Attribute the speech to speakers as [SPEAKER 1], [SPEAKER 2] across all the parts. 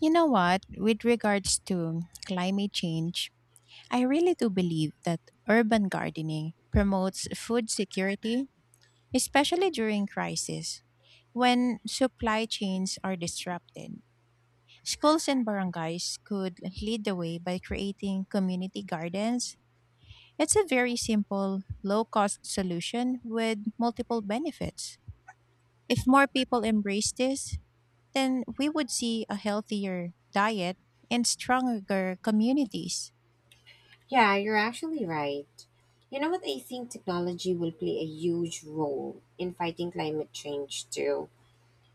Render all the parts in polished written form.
[SPEAKER 1] You know what? With regards to climate change, I really do believe that urban gardening promotes food security, especially during crisis. When supply chains are disrupted, schools and barangays could lead the way by creating community gardens. It's a very simple, low cost solution with multiple benefits. If more people embrace this, then we would see a healthier diet and stronger communities.
[SPEAKER 2] Yeah, you're actually right. You know what? I think technology will play a huge role in fighting climate change too.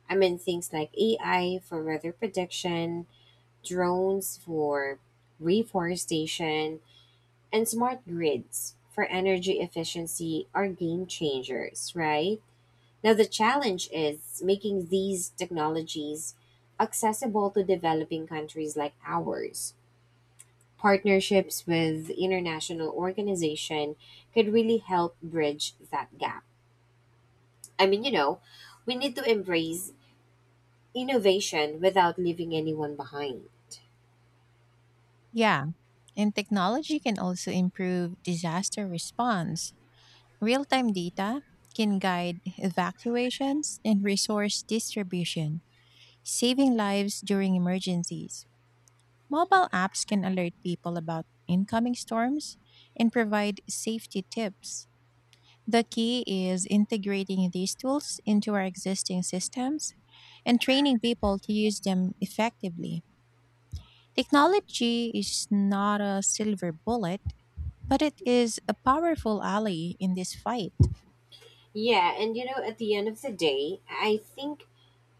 [SPEAKER 2] I mean, things like AI for weather prediction, drones for reforestation, and smart grids for energy efficiency are game changers, right? Now, the challenge is making these technologies accessible to developing countries like ours. Partnerships with international organization could really help bridge that gap. I mean, you know, we need to embrace innovation without leaving anyone behind.
[SPEAKER 1] Yeah, and technology can also improve disaster response. Real time data can guide evacuations and resource distribution, saving lives during emergencies. Mobile apps can alert people about incoming storms and provide safety tips. The key is integrating these tools into our existing systems and training people to use them effectively. Technology is not a silver bullet, but it is a powerful ally in this fight.
[SPEAKER 2] Yeah, and you know, at the end of the day, I think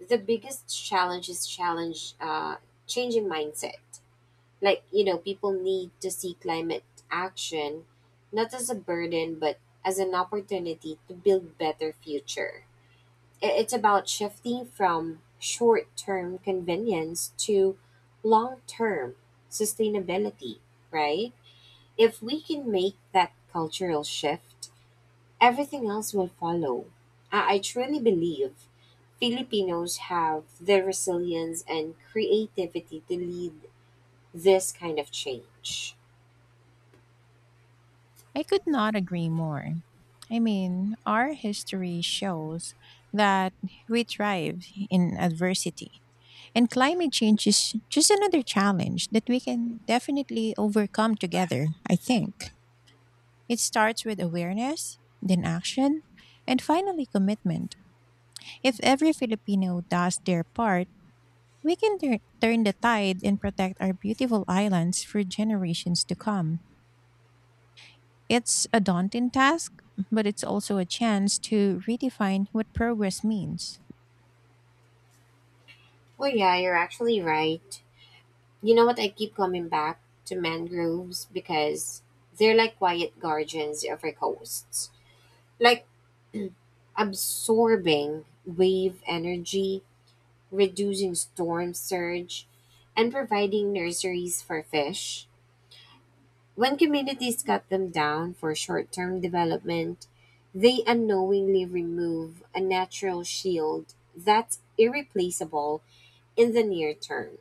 [SPEAKER 2] the biggest challenge is challenge changing mindset. Like you know, people need to see climate action not as a burden, but as an opportunity to build better future. It's about shifting from short term convenience to long term sustainability, right? If we can make that cultural shift, everything else will follow. I truly believe Filipinos have the resilience and creativity to lead this kind of change.
[SPEAKER 1] I could not agree more. I mean, our history shows that we thrive in adversity, and climate change is just another challenge that we can definitely overcome together, I think. It starts with awareness, then action, and finally commitment. If every Filipino does their part, we can turn the tide and protect our beautiful islands for generations to come. It's a daunting task, but it's also a chance to redefine what progress means.
[SPEAKER 2] Well, yeah, you're actually right. You know what? I keep coming back to mangroves because they're like quiet guardians of our coasts, like absorbing wave energy, reducing storm surge, and providing nurseries for fish. When communities cut them down for short term development, they unknowingly remove a natural shield that's irreplaceable in the near term.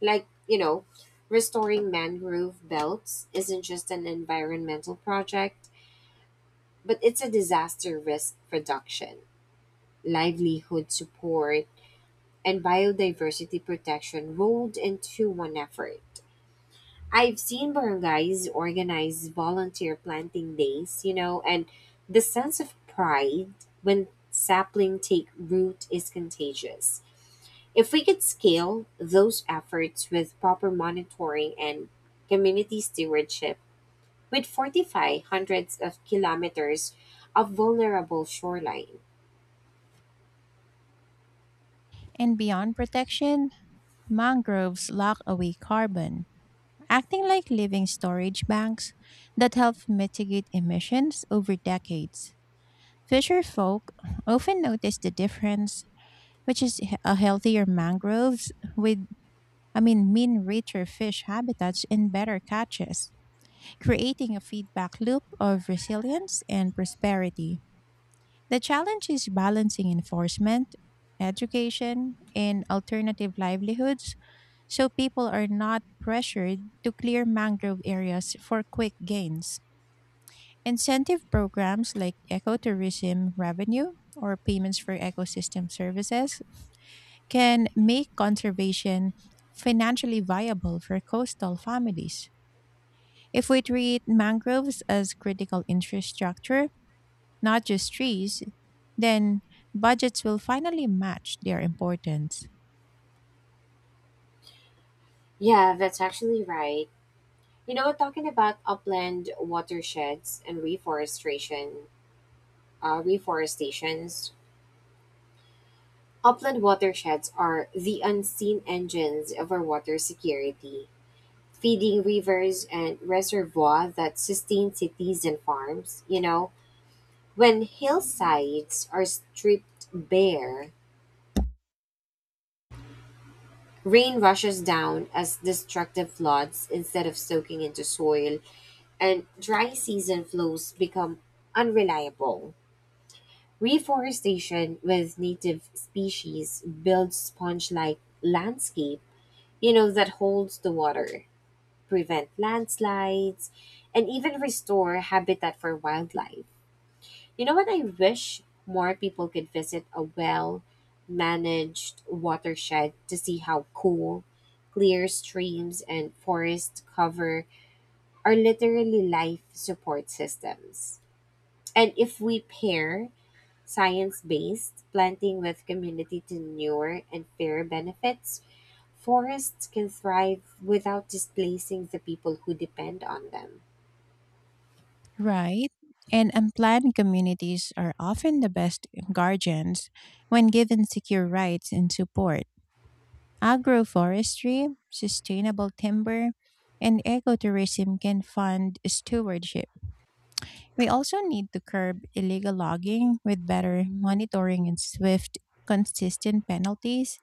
[SPEAKER 2] Like, you know, restoring mangrove belts isn't just an environmental project, but it's a disaster risk reduction, livelihood support, and biodiversity protection rolled into one effort. I've seen barangays organize volunteer planting days, you know, and the sense of pride when sapling take root is contagious. If we could scale those efforts with proper monitoring and community stewardship, we'd fortify hundreds of kilometers of vulnerable shoreline.
[SPEAKER 1] And beyond protection, mangroves lock away carbon, acting like living storage banks that help mitigate emissions over decades. Fisher folk often notice the difference, which is a healthier mangroves with, I mean richer fish habitats and better catches, creating a feedback loop of resilience and prosperity. The challenge is balancing enforcement, education, and alternative livelihoods so people are not pressured to clear mangrove areas for quick gains. Incentive programs like ecotourism revenue or payments for ecosystem services can make conservation financially viable for coastal families. If we treat mangroves as critical infrastructure, not just trees, then budgets will finally match their importance.
[SPEAKER 2] Yeah, that's actually right. You know, talking about upland watersheds and reforestations, upland watersheds are the unseen engines of our water security, feeding rivers and reservoirs that sustain cities and farms. You know, when hillsides are stripped bare, rain rushes down as destructive floods instead of soaking into soil, and dry season flows become unreliable. Reforestation with native species builds sponge-like landscape, you know, that holds the water, prevent landslides, and even restore habitat for wildlife. You know what? I wish more people could visit a well managed watershed to see how cool, clear streams and forest cover are literally life support systems. And if we pair science based, planting with community tenure and fair benefits, forests can thrive without displacing the people who depend on them.
[SPEAKER 1] Right? And unplanned communities are often the best guardians when given secure rights and support. Agroforestry, sustainable timber, and ecotourism can fund stewardship. We also need to curb illegal logging with better monitoring and swift, consistent penalties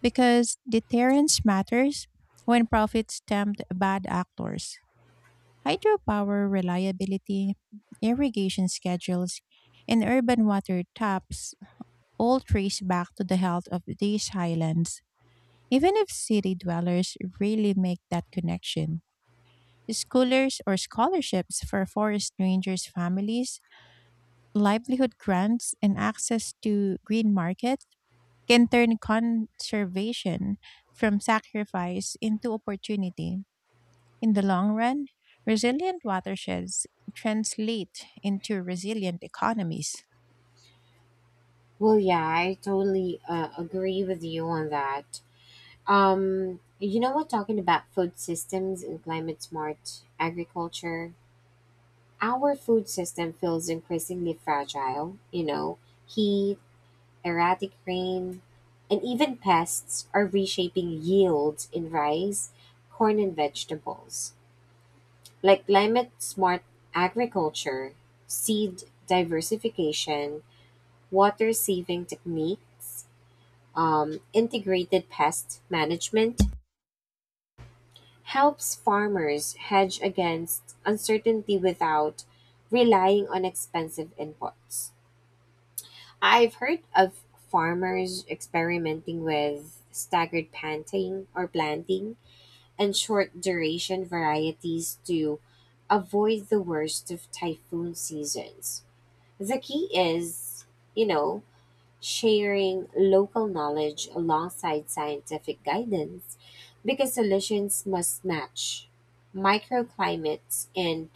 [SPEAKER 1] because deterrence matters when profits tempt bad actors. Hydropower reliability, irrigation schedules, and urban water taps all trace back to the health of these highlands. Even if city dwellers really make that connection, schoolers or scholarships for forest rangers' families, livelihood grants, and access to green markets can turn conservation from sacrifice into opportunity. In the long run, resilient watersheds translate into resilient economies.
[SPEAKER 2] Well, yeah, I totally agree with you on that. You know what, talking about food systems and climate smart agriculture, our food system feels increasingly fragile. You know, heat, erratic rain, and even pests are reshaping yields in rice, corn, and vegetables. Like climate smart agriculture, seed diversification, water saving techniques, integrated pest management helps farmers hedge against uncertainty without relying on expensive inputs. I've heard of farmers experimenting with staggered planting or planting and short duration varieties to avoid the worst of typhoon seasons. The key is, you know, sharing local knowledge alongside scientific guidance because solutions must match microclimates and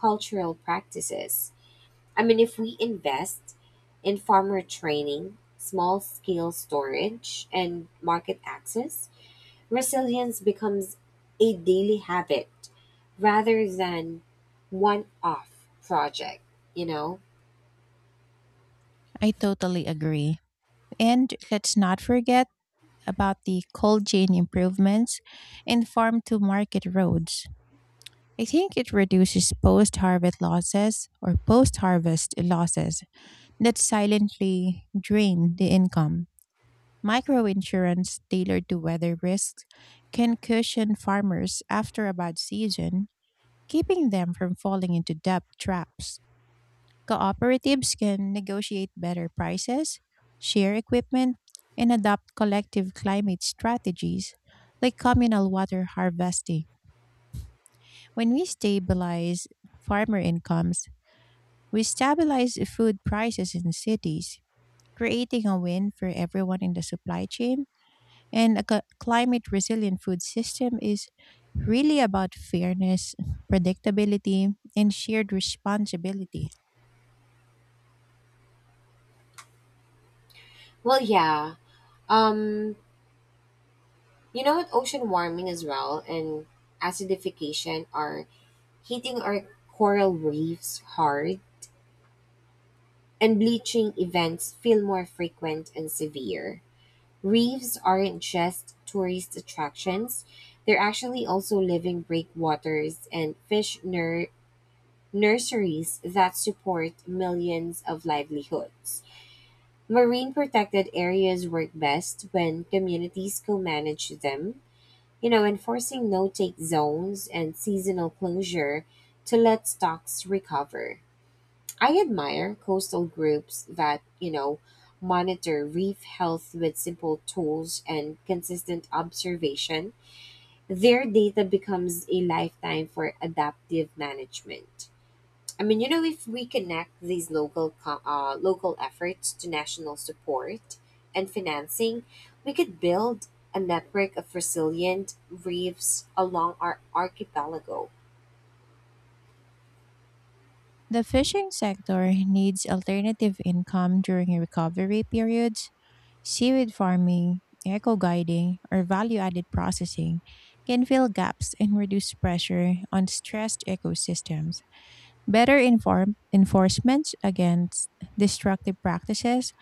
[SPEAKER 2] cultural practices. I mean, if we invest in farmer training, small scale storage, and market access, resilience becomes a daily habit rather than one off project, you know?
[SPEAKER 1] I totally agree. And let's not forget about the cold chain improvements and farm to market roads. I think it reduces post harvest losses that silently drain the income. Microinsurance tailored to weather risks can cushion farmers after a bad season, keeping them from falling into debt traps. Cooperatives can negotiate better prices, share equipment, and adopt collective climate strategies like communal water harvesting. When we stabilize farmer incomes, we stabilize food prices in cities, creating a win for everyone in the supply chain. And a climate resilient food system is really about fairness, predictability, and shared responsibility.
[SPEAKER 2] Well, yeah. Um, you know what? Ocean warming as well and acidification are hitting our coral reefs hard, and bleaching events feel more frequent and severe. Reefs aren't just tourist attractions, they're actually also living breakwaters and fish nurseries that support millions of livelihoods. Marine protected areas work best when communities co manage them. You know, enforcing no take zones and seasonal closure to let stocks recover. I admire coastal groups that, you know, monitor reef health with simple tools and consistent observation. Their data becomes a lifetime for adaptive management. I mean, you know, if we connect these local efforts to national support and financing, we could build a network of resilient reefs along our archipelago.
[SPEAKER 1] The fishing sector needs alternative income during recovery periods. Seaweed farming, eco guiding, or value added processing can fill gaps and reduce pressure on stressed ecosystems. Better enforcement against destructive practices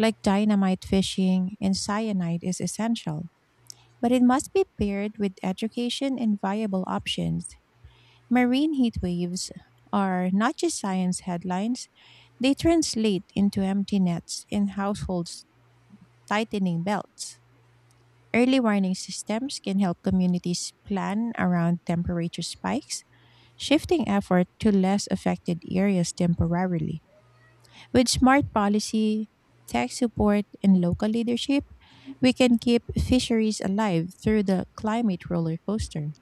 [SPEAKER 1] like dynamite fishing and cyanide is essential, but it must be paired with education and viable options. Marine heat waves are not just science headlines, they translate into empty nets and households tightening belts. Early warning systems can help communities plan around temperature spikes, shifting effort to less affected areas temporarily. With smart policy, tech support, and local leadership, we can keep fisheries alive through the climate roller coaster.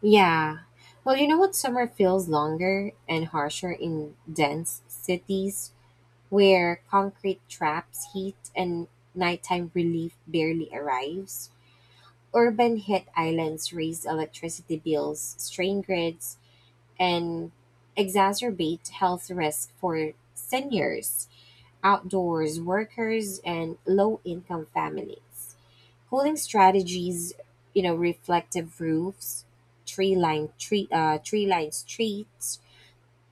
[SPEAKER 2] Yeah. Well, you know what? Summer feels longer and harsher in dense cities where concrete traps heat and nighttime relief barely arrives. Urban hit islands raise electricity bills, strain grids, and exacerbate health risk for seniors, outdoors workers, and low income families. Cooling strategies, you know, reflective roofs, tree-lined streets,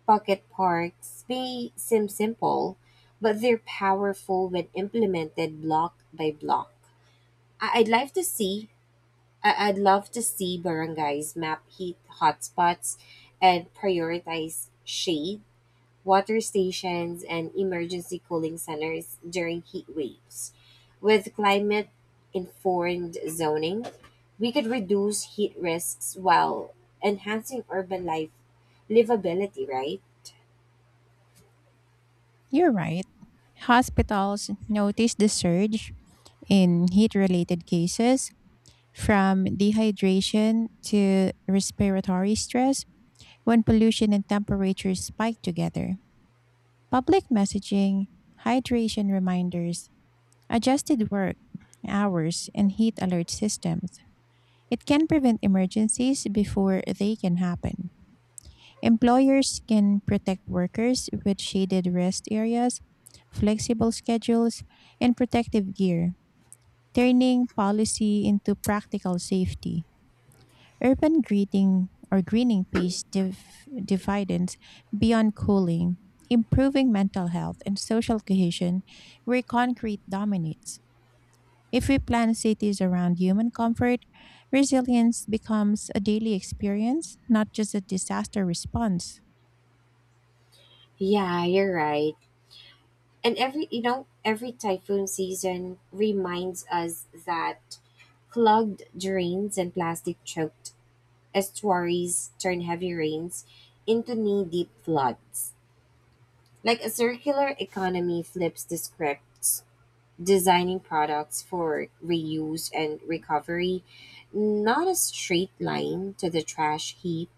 [SPEAKER 2] pocket parks may seem simple, but they're powerful when implemented block by block. I- I'd like to see I'd love to see barangays map heat hotspots and prioritize shade, water stations, and emergency cooling centers during heat waves. With climate informed zoning, we could reduce heat risks while enhancing urban life livability, right?
[SPEAKER 1] You're right. Hospitals noticed the surge in heat related cases, from dehydration to respiratory stress when pollution and temperature spike together. Public messaging, hydration reminders, adjusted work hours, and heat alert systems. It can prevent emergencies before they can happen. Employers can protect workers with shaded rest areas, flexible schedules, and protective gear, turning policy into practical safety. Urban greeting or greening pays dividends beyond cooling, improving mental health and social cohesion where concrete dominates. If we plan cities around human comfort, resilience becomes a daily experience, not just a disaster response.
[SPEAKER 2] Yeah, you're right. And every typhoon season reminds us that clogged drains and plastic choked estuaries turn heavy rains into knee deep floods. Like a circular economy flips the scripts, designing products for reuse and recovery, not a straight line to the trash heap.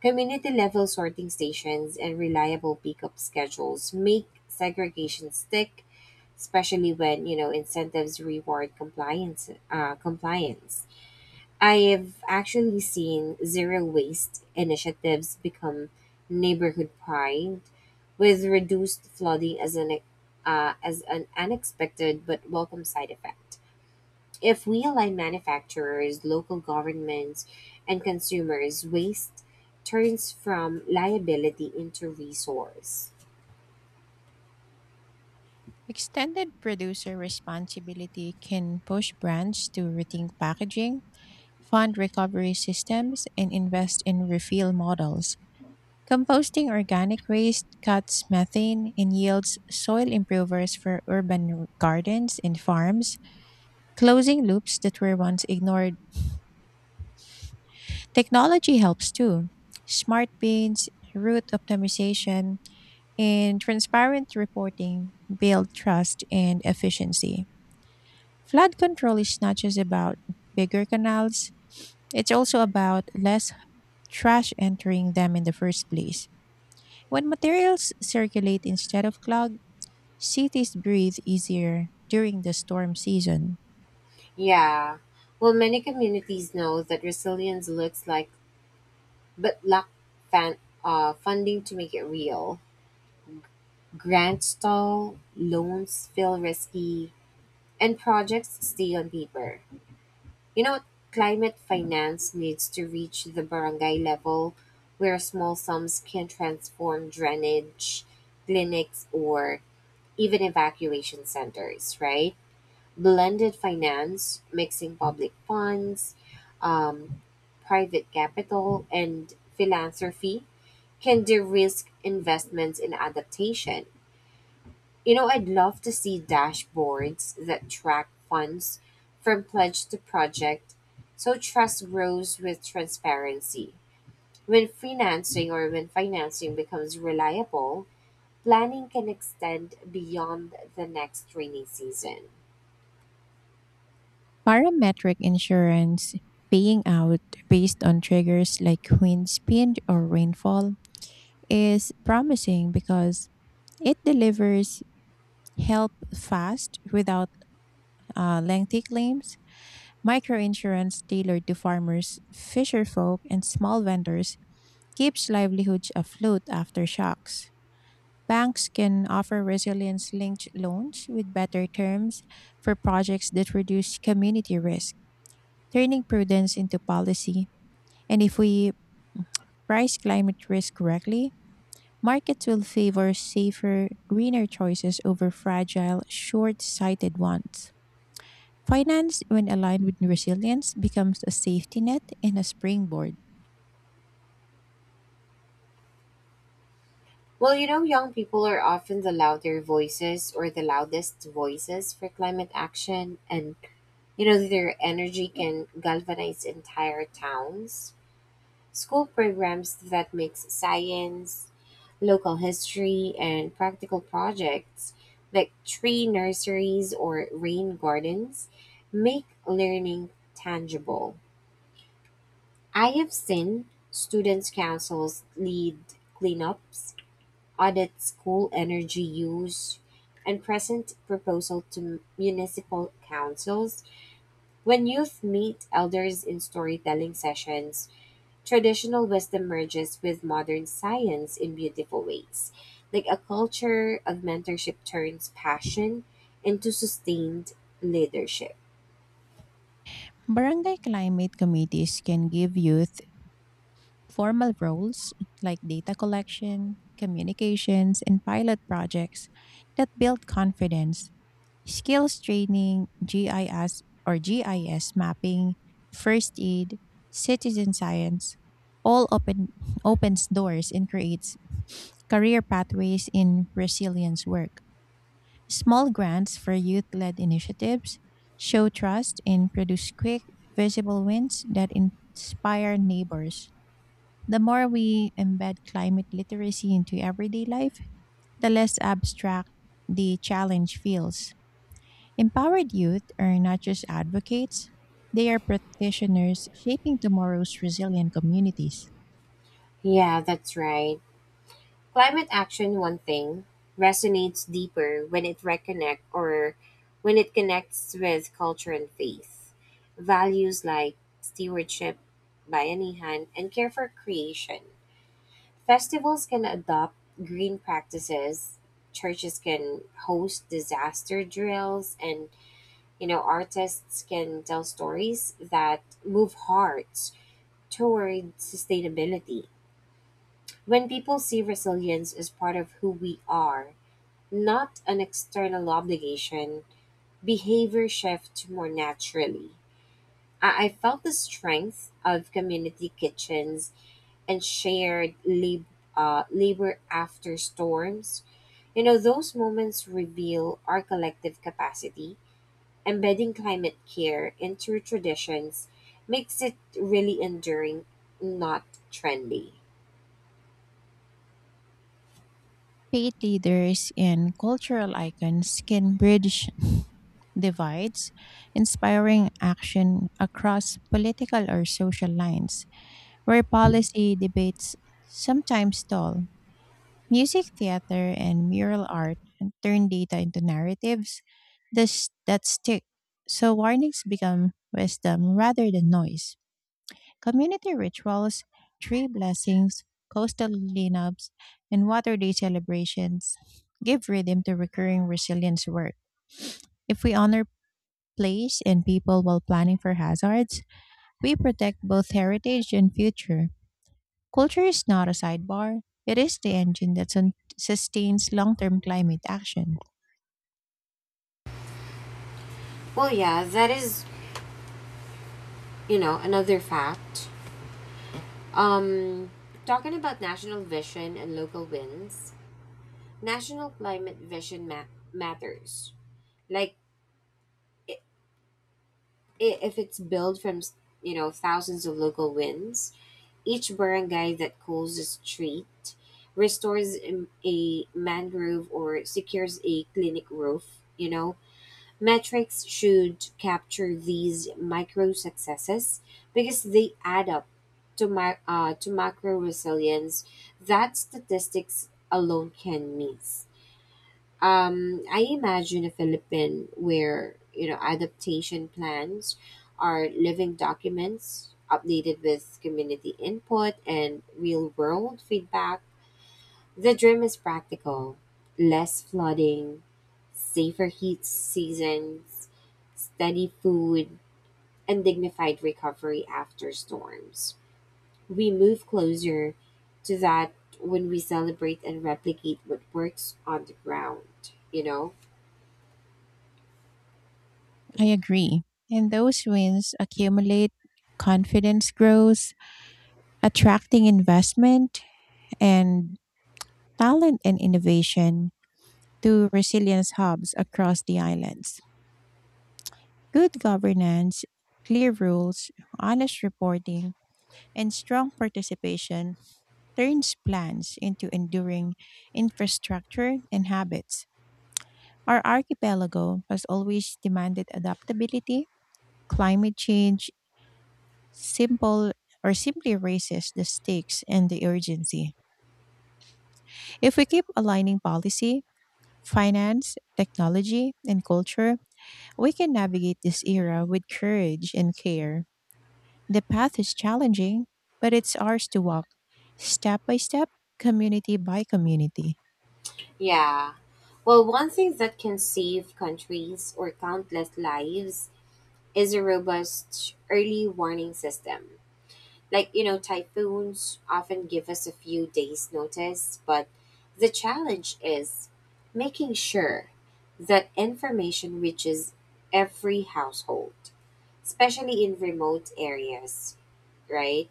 [SPEAKER 2] Community level sorting stations and reliable pickup schedules make segregation stick, especially when you know incentives reward compliance. I've actually seen zero waste initiatives become neighborhood pride, with reduced flooding as an unexpected but welcome side effect. If we align manufacturers, local governments, and consumers, waste turns from liability into resource.
[SPEAKER 1] Extended producer responsibility can push brands to rethink packaging fund recovery systems, and invest in refill models. Composting organic waste cuts methane and yields soil improvers for urban gardens and farms, closing loops that were once ignored. Technology helps too. Smart bins, route optimization, and transparent reporting build trust and efficiency. Flood control is not just about bigger canals, it's also about less trash entering them in the first place. When materials circulate instead of clog, cities breathe easier during the storm season.
[SPEAKER 2] Yeah. Well, many communities know that resilience looks like, but lack fan, funding to make it real. Grants stall, loans feel risky, and projects stay on paper. You know, climate finance needs to reach the barangay level where small sums can transform drainage, clinics, or even evacuation centers, right? Blended finance, mixing public funds, um, private capital, and philanthropy can de risk investments in adaptation. You know, I'd love to see dashboards that track funds from pledge to project so trust grows with transparency. When financing becomes reliable, planning can extend beyond the next rainy season.
[SPEAKER 1] Parametric insurance paying out based on triggers like wind speed or rainfall is promising because it delivers help fast without lengthy claims. Microinsurance tailored to farmers, fisherfolk, and small vendors keeps livelihoods afloat after shocks. Banks can offer resilience linked loans with better terms for projects that reduce community risk, turning prudence into policy. And if we price climate risk correctly, markets will favor safer, greener choices over fragile, short sighted ones. Finance, when aligned with resilience, becomes a safety net and a springboard.
[SPEAKER 2] Well, you know, young people are often the louder voices or the loudest voices for climate action, and you know, their energy can galvanize entire towns. School programs that mix science, local history, and practical projects like tree nurseries or rain gardens make learning tangible. I have seen students' councils lead cleanups, audit school energy use, and present proposal to municipal councils. When youth meet elders in storytelling sessions, traditional wisdom merges with modern science in beautiful ways, like a culture of mentorship turns passion into sustained leadership.
[SPEAKER 1] Barangay climate committees can give youth formal roles like data collection, communications, and pilot projects that build confidence, skills training, GIS mapping, first aid, citizen science, all open opens doors and creates career pathways in resilience work. Small grants for youth-led initiatives show trust and produce quick, visible wins that inspire neighbors. The more we embed climate literacy into everyday life, the less abstract the challenge feels. Empowered youth are not just advocates, they are practitioners shaping tomorrow's resilient communities.
[SPEAKER 2] Yeah, that's right. Climate action, one thing, resonates deeper when it connects with culture and faith. Values like stewardship, bayanihan, and care for creation. Festivals can adopt green practices, churches can host disaster drills, and you know, artists can tell stories that move hearts toward sustainability. When people see resilience as part of who we are, not an external obligation, behavior shifts more naturally. I felt the strength of community kitchens and labor after storms. You know, those moments reveal our collective capacity. Embedding climate care into traditions makes it really enduring, not trendy.
[SPEAKER 1] Faith leaders and cultural icons can bridge divides, inspiring action across political or social lines, where policy debates sometimes stall. Music, theater, and mural art turn data into that stick. So warnings become wisdom rather than noise. Community rituals, tree blessings, coastal cleanups, and water day celebrations give rhythm to recurring resilience work. If we honor place and people while planning for hazards, we protect both heritage and future. Culture is not a sidebar, it is the engine that sustains long term climate action.
[SPEAKER 2] Well, yeah, that is, you know, another fact. Um, Talking about national vision and local wins, national climate vision matters. Like, i- if it's built from, you know, thousands of local wins, each barangay that calls a street restores a mangrove or secures a clinic roof, you know. Metrics should capture these micro successes because they add up to macro resilience that statistics alone can miss. I imagine a Philippine where you know adaptation plans are living documents updated with community input and real world feedback. The dream is practical, less flooding, safer heat seasons, steady food, and dignified recovery after storms. We move closer to that when we celebrate and replicate what works on the ground, you know?
[SPEAKER 1] I agree. And those wins accumulate, confidence grows, attracting investment and talent and innovation to resilience hubs across the islands. Good governance, clear rules, honest reporting, and strong participation turns plans into enduring infrastructure and habits. Our archipelago has always demanded adaptability. Climate change simple or simply raises the stakes and the urgency. If we keep aligning policy, finance, technology, and culture, we can navigate this era with courage and care. The path is challenging, but it's ours to walk, step by step, community by community.
[SPEAKER 2] Yeah. Well, one thing that can save countries or countless lives is a robust early warning system. Like, you know, typhoons often give us a few days' notice, but the challenge is making sure that information reaches every household, especially in remote areas, right?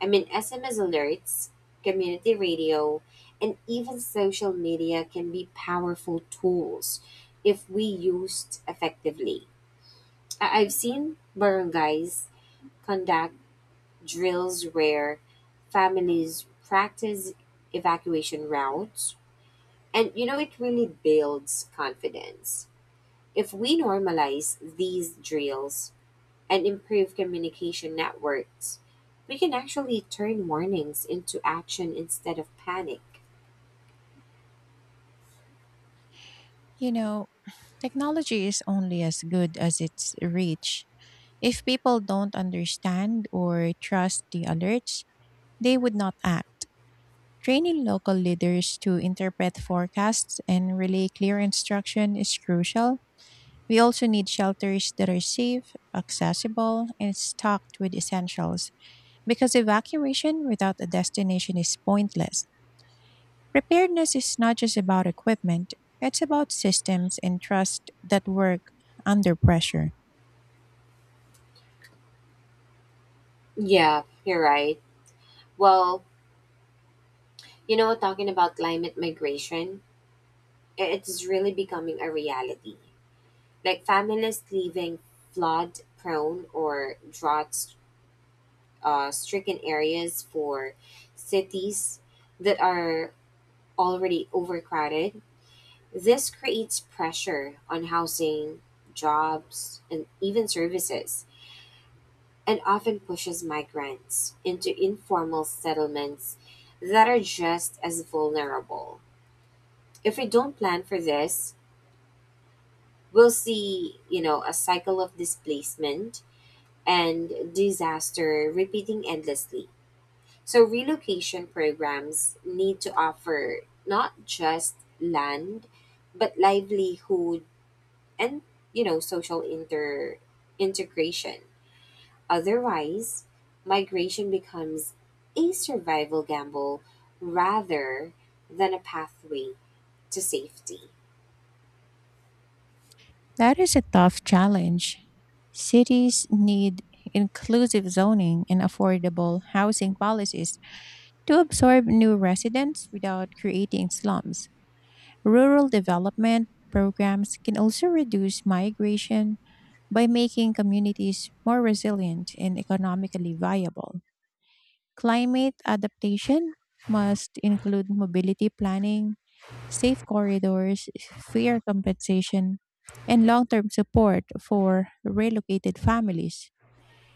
[SPEAKER 2] I mean, SMS alerts, community radio, and even social media can be powerful tools if we used effectively. I've seen barangays conduct drills where families practice evacuation routes, and you know, it really builds confidence. If we normalize these drills, and improve communication networks, we can actually turn warnings into action instead of panic.
[SPEAKER 1] You know, technology is only as good as its reach. If people don't understand or trust the alerts, they would not act. Training local leaders to interpret forecasts and relay clear instruction is crucial. We also need shelters that are safe, accessible, and stocked with essentials because evacuation without a destination is pointless. Preparedness is not just about equipment, it's about systems and trust that work under pressure.
[SPEAKER 2] Yeah, you're right. Well, you know, talking about climate migration, it's really becoming a reality. Like families leaving flood prone or drought stricken areas for cities that are already overcrowded. This creates pressure on housing, jobs, and even services, and often pushes migrants into informal settlements that are just as vulnerable. If we don't plan for this, we'll see, you know, a cycle of displacement and disaster repeating endlessly. So relocation programs need to offer not just land, but livelihood, and you know, social inter integration. Otherwise, migration becomes a survival gamble rather than a pathway to safety.
[SPEAKER 1] That is a tough challenge. Cities need inclusive zoning and affordable housing policies to absorb new residents without creating slums. Rural development programs can also reduce migration by making communities more resilient and economically viable. Climate adaptation must include mobility planning, safe corridors, fair compensation, and long term support for relocated families.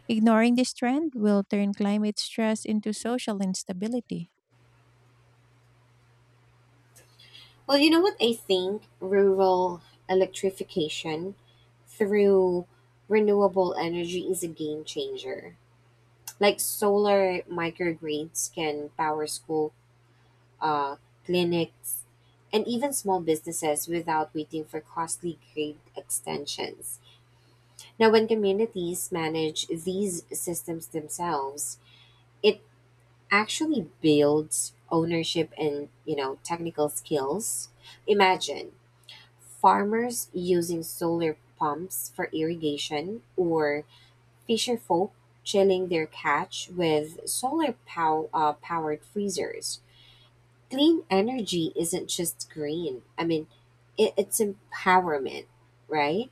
[SPEAKER 1] Ignoring this trend will turn climate stress into social instability.
[SPEAKER 2] Well, you know what? I think rural electrification through renewable energy is a game changer. Like solar microgrids can power school uh, clinics, and even small businesses without waiting for costly grade extensions. Now, when communities manage these systems themselves, it actually builds ownership and you know technical skills. Imagine farmers using solar pumps for irrigation or fisher folk chilling their catch with powered freezers. Clean energy isn't just green. I mean, it's empowerment, right?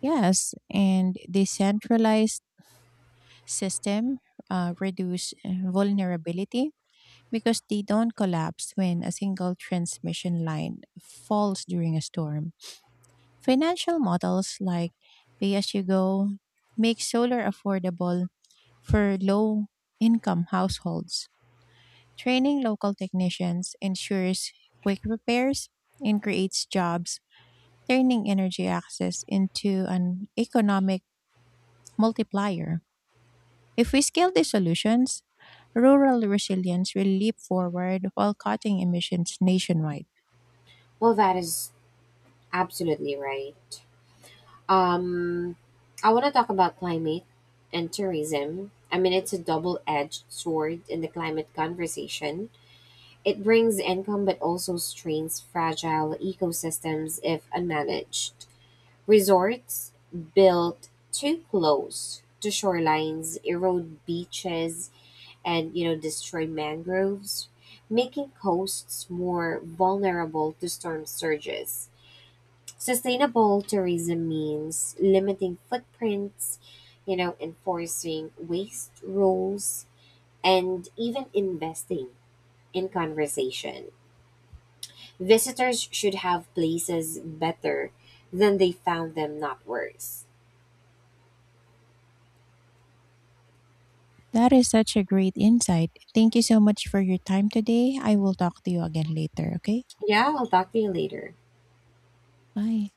[SPEAKER 1] Yes, and decentralized system reduce vulnerability because they don't collapse when a single transmission line falls during a storm. Financial models like pay as you go make solar affordable for low income households. Training local technicians ensures quick repairs and creates jobs turning energy access into an economic multiplier. If we scale these solutions, rural resilience will leap forward while cutting emissions nationwide.
[SPEAKER 2] Well, that is absolutely right. Um, I want to talk about climate and tourism. I mean, it's a double edged sword in the climate conversation. It brings income but also strains fragile ecosystems if unmanaged. Resorts built too close to shorelines erode beaches and you know destroy mangroves, making coasts more vulnerable to storm surges. Sustainable tourism means limiting footprints, you know, enforcing waste rules, and even investing in conversation. Visitors should have places better than they found them, not worse.
[SPEAKER 1] That is such a great insight. Thank you so much for your time today. I will talk to you again later, okay?
[SPEAKER 2] Yeah, I'll talk to you later.
[SPEAKER 1] Bye.